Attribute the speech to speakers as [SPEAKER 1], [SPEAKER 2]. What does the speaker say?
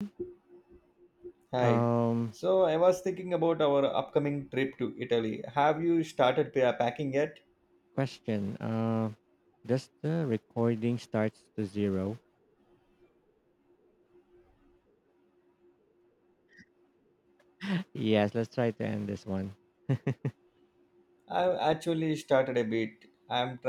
[SPEAKER 1] Hi.
[SPEAKER 2] Um,
[SPEAKER 1] So I was thinking about our upcoming trip to Italy. Have you started packing yet?
[SPEAKER 2] question. Does the recording starts to zero? Yes, let's try to end this one.
[SPEAKER 1] I've actually started a bit. I'm